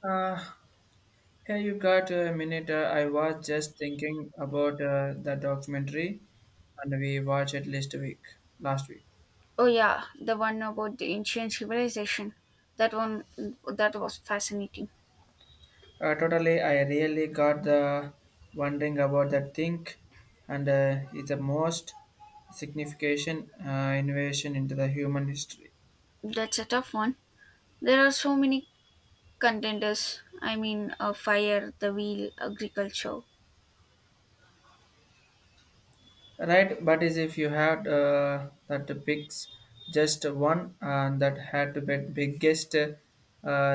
Uh, yeah, you got a minute. I was just thinking about the documentary, and we watched it last week. Last week, Oh yeah, the one about the ancient civilization. That one that was fascinating. Totally, I really got the wondering about the thing, and it's the most significant innovation into the human history. That's a tough one. There are so many contenders. I mean, fire, the wheel, agriculture. Right, but is if you had that picks just one that had the biggest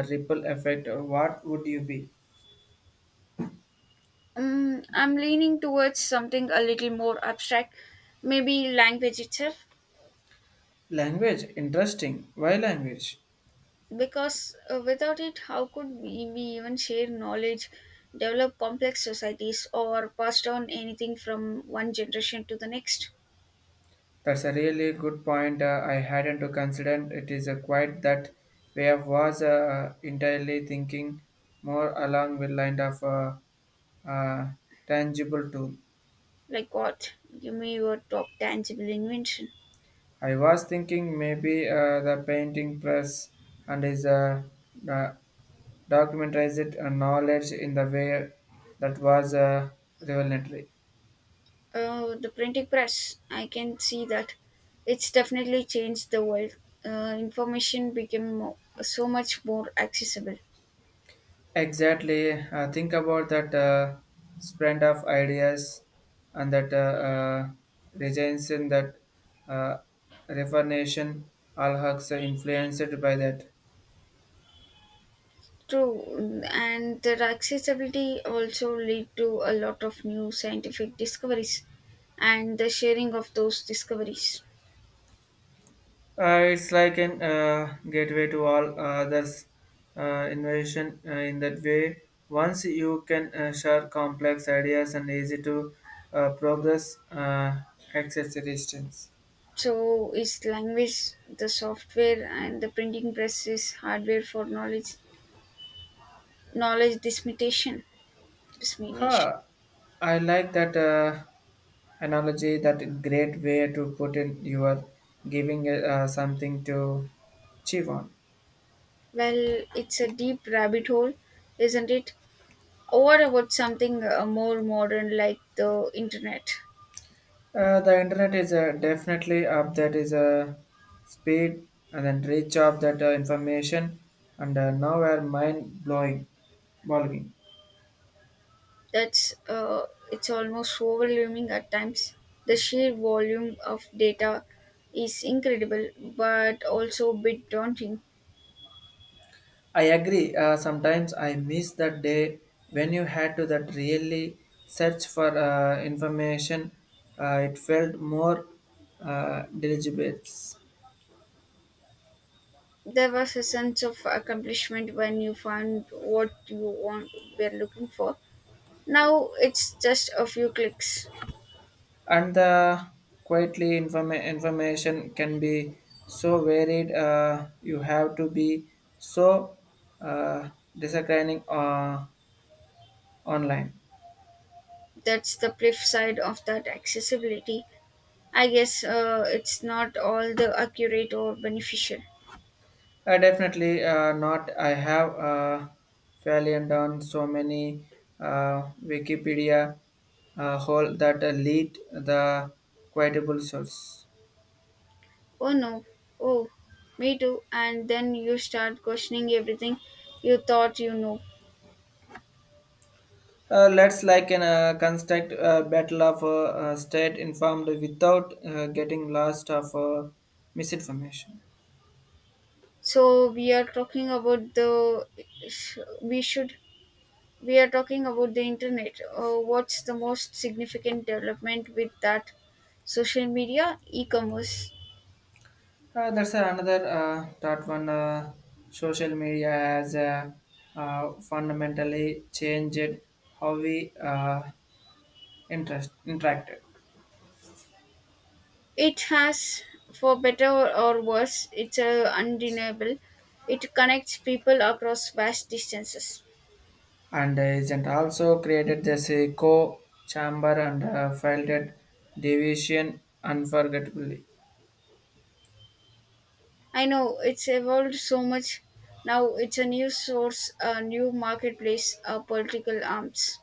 ripple effect, what would you be? Mm, I'm leaning towards something a little more abstract, maybe language itself, Language, interesting. Why language? because without it, how could we even share knowledge, develop complex societies, or pass down anything from one generation to the next? That's a really good point. I hadn't to consider it is a quite that way of was entirely thinking more along with line of uh, tangible tool. Like what? Give me your top tangible invention. I was thinking maybe the painting press and is uh, documentize it knowledge in the way that was revelatory. Oh, the printing press. I can see that. It's definitely changed the world. Information became more, so much more accessible. Exactly. Think about that spread of ideas and that regions in that uh, reformation all hugs are influenced by that. True, and their accessibility also lead to a lot of new scientific discoveries and the sharing of those discoveries. It's like an gateway to all others innovation in that way. Once you can share complex ideas and easy to progress access resistance. So, is language the software and the printing press is hardware for knowledge dissemination. Huh. I like that. Analogy that great way to put in. You are giving something to chew on. Well, it's a deep rabbit hole, isn't it? Or what about something more modern like the internet? The internet is definitely up that is a speed and then reach of that information and now are mind blowing. That's It's almost overwhelming at times. The sheer volume of data is incredible, but also a bit daunting. I agree, sometimes I miss that day when you had to that really search for information. It felt more deliberate. There was a sense of accomplishment when you found what you want were looking for. Now it's just a few clicks. And the quietly information can be so varied. You have to be so uh, discerning online. That's the flip side of that accessibility. I guess it's not all the accurate or beneficial. I definitely not, I have fairly down so many wikipedia hole that lead the quotable source. Oh no, oh, me too. And then you start questioning everything you thought you know. Let's like an construct battle of state informed without getting lost of misinformation. So we are talking about the we should we are talking about the internet. What's the most significant development with that? Social media, e-commerce. That's another thought one. Social media has fundamentally changed how we interacted It has, for better or worse, it's undeniable. It connects people across vast distances. and isn't also created this echo chamber and felt division unforgettably. I know it's evolved so much. Now it's a new source, a new marketplace, a political arms.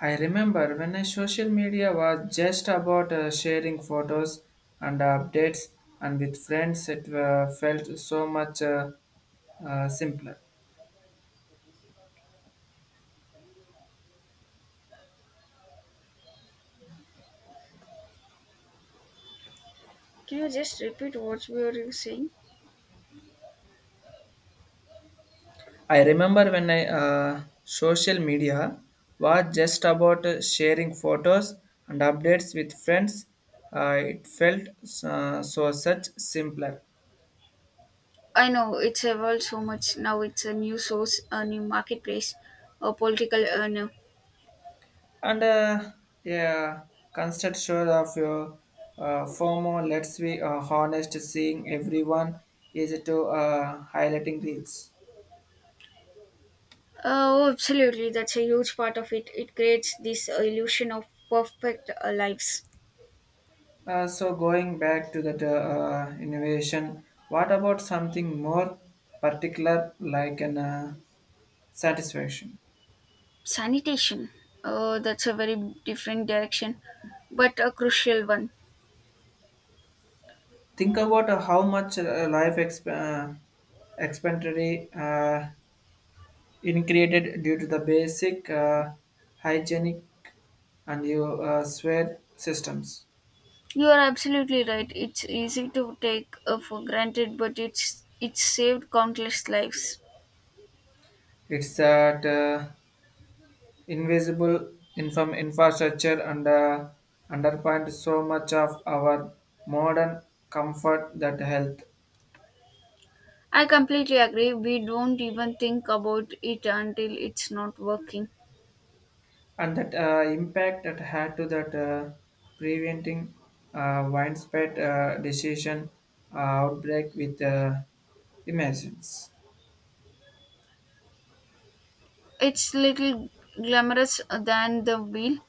I remember when I social media was just about sharing photos and updates, and with friends, it felt so much simpler. Can you just repeat what we were saying? I remember when I social media was just about sharing photos and updates with friends. It felt so such simpler. I know it's evolved so much. Now it's a new source, a new marketplace, a political earner. And yeah, constant sure of your FOMO. Let's be honest, seeing everyone is to highlighting reels. Oh, absolutely. That's a huge part of it. It creates this illusion of perfect lives. So going back to that innovation, what about something more particular like an satisfaction. Sanitation. Oh, that's a very different direction, but a crucial one. Think about how much life expenditure in created due to the basic hygienic and you swear systems. You are absolutely right. It's easy to take for granted, but it's saved countless lives. It's that invisible inform infrastructure and underpinned so much of our modern comfort that health. I completely agree. We don't even think about it until it's not working. And that impact that had to that preventing widespread decision uh, outbreak with imagines. It's little glamorous than the wheel,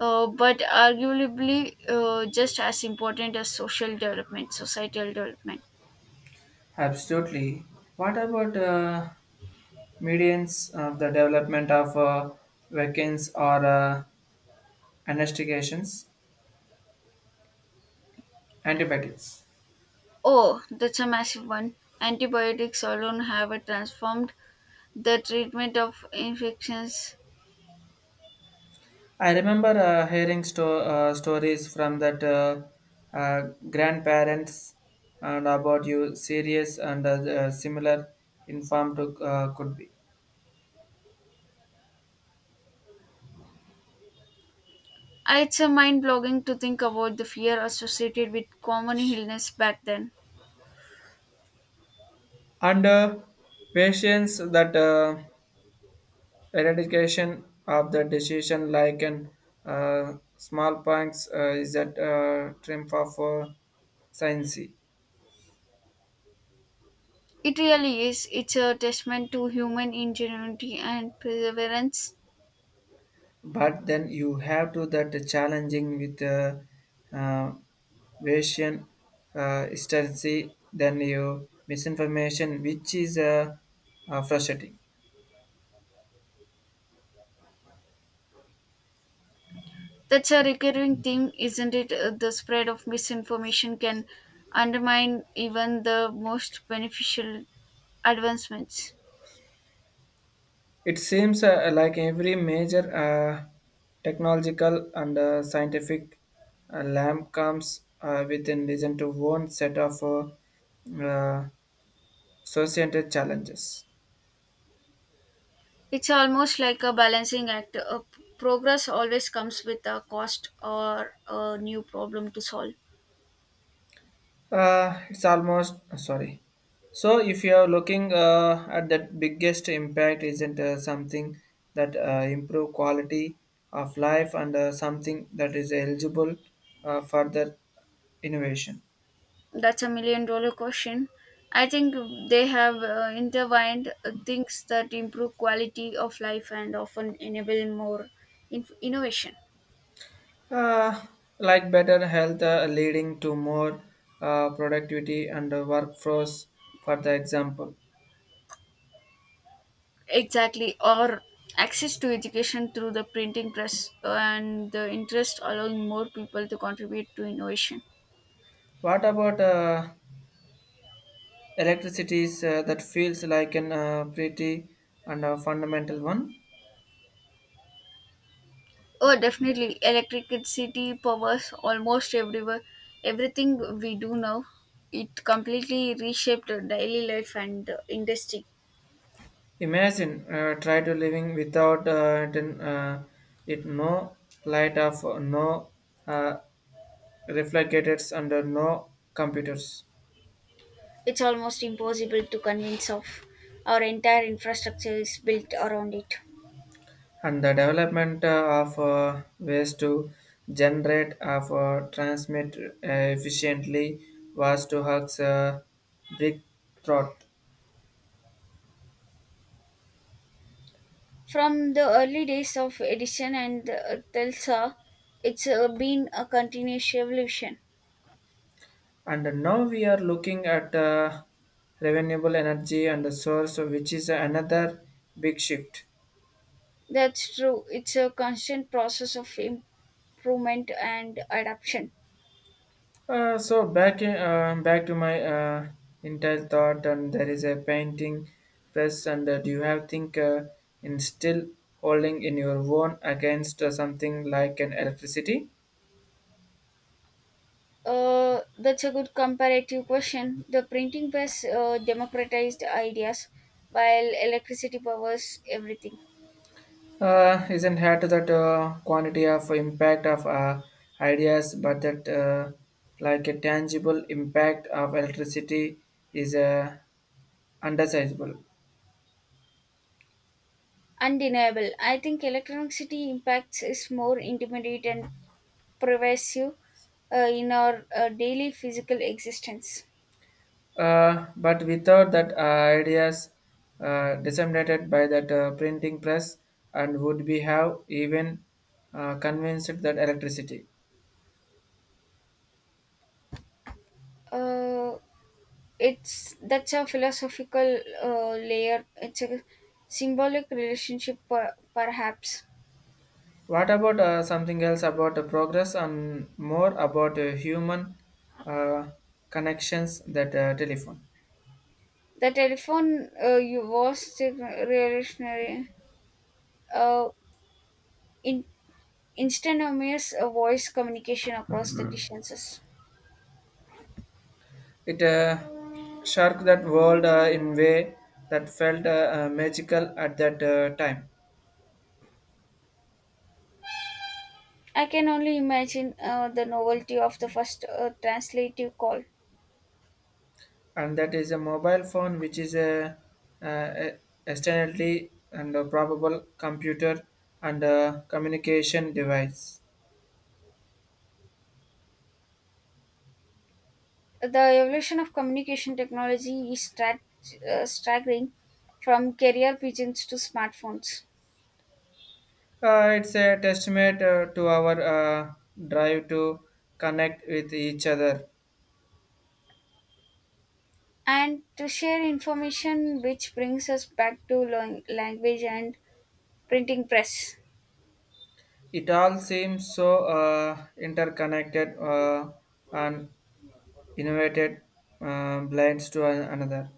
but arguably just as important as social development, societal development. Absolutely. What about Medians of the development of vaccines or investigations, antibiotics. Oh, that's a massive one. Antibiotics alone have transformed the treatment of infections. I remember hearing stories from that grandparents and about you serious and similar informed to, could be. It's a mind blogging to think about the fear associated with common illness back then. And patients that eradication of the decision like an smallpox is that triumph of science. It really is. It's a testament to human ingenuity and perseverance. But then you have to that challenging with uh, Asian hesitancy, then you misinformation, which is frustrating. That's a recurring theme, isn't it? The spread of misinformation can undermine even the most beneficial advancements. It seems like every major technological and scientific lamp comes within reason to one set of associated challenges. It's almost like a balancing act. Progress always comes with a cost or a new problem to solve. It's almost sorry. So, if you are looking at that biggest impact, isn't something that improve quality of life and something that is eligible further innovation, That's a million dollar question. I think they have intertwined things that improve quality of life and often enable more innovation. uh, like better health leading to more productivity and workforce. For the example, Exactly, or access to education through the printing press and the interest allowing more people to contribute to innovation. what about electricity that feels like an pretty and a fundamental one? Oh, definitely, electricity powers almost everywhere. Everything we do now, it completely reshaped our daily life and industry. Imagine try to living without it, it no light of no uh, reflectors under no computers. It's almost impossible to convince of. Our entire infrastructure is built around it. And the development of ways to generate of transmit efficiently was to Huck's big thought. From the early days of Edison and Telsa, it's been a continuous evolution. And now we are looking at renewable energy and the source, which is another big shift. That's true. It's a constant process of improvement and adaption. So back to my entire thought, and there is a painting press, and do you have think in still holding in your own against something like an electricity? That's a good comparative question. The printing press democratized ideas, while electricity powers everything. Isn't had that quantity of impact of ideas, but that like a tangible impact of electricity is undesirable. Undeniable. I think electronic city impacts is more intimidate and pervasive in our daily physical existence. But without that ideas disseminated by that printing press and would be have even convinced that electricity. Uh, it's That's a philosophical layer. It's a symbolic relationship, perhaps. What about something else about the progress and more about human uh, connections that telephone. The telephone you was the revolutionary, uh, in, instantaneous voice communication across the distances. It shook that world in way that felt magical at that time. I can only imagine the novelty of the first translative call. And that is a mobile phone, which is a, uh, externally and a probable computer and a communication device. The evolution of communication technology is staggering from carrier pigeons to smartphones. It's a testament to our drive to connect with each other. And to share information, which brings us back to language and printing press. It all seems so interconnected and innovated blends to another.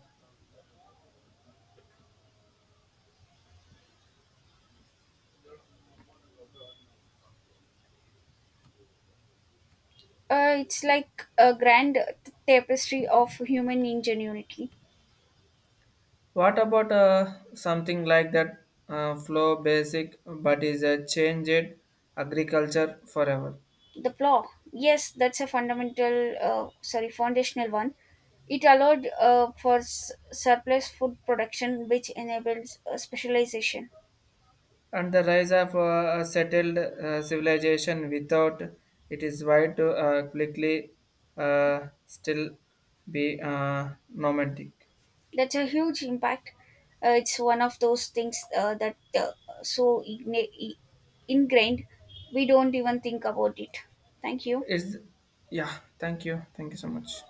It's like a grand tapestry of human ingenuity. What about something like that flow basic but is a changed agriculture forever. The plow, yes, that's a foundational one. It allowed for surplus food production, which enables specialization. And the rise of a settled civilization without it is wide to quickly still be nomadic. That's a huge impact. It's one of those things that so igni- I- ingrained we don't even think about it. Thank you. Is yeah. Thank you. Thank you so much.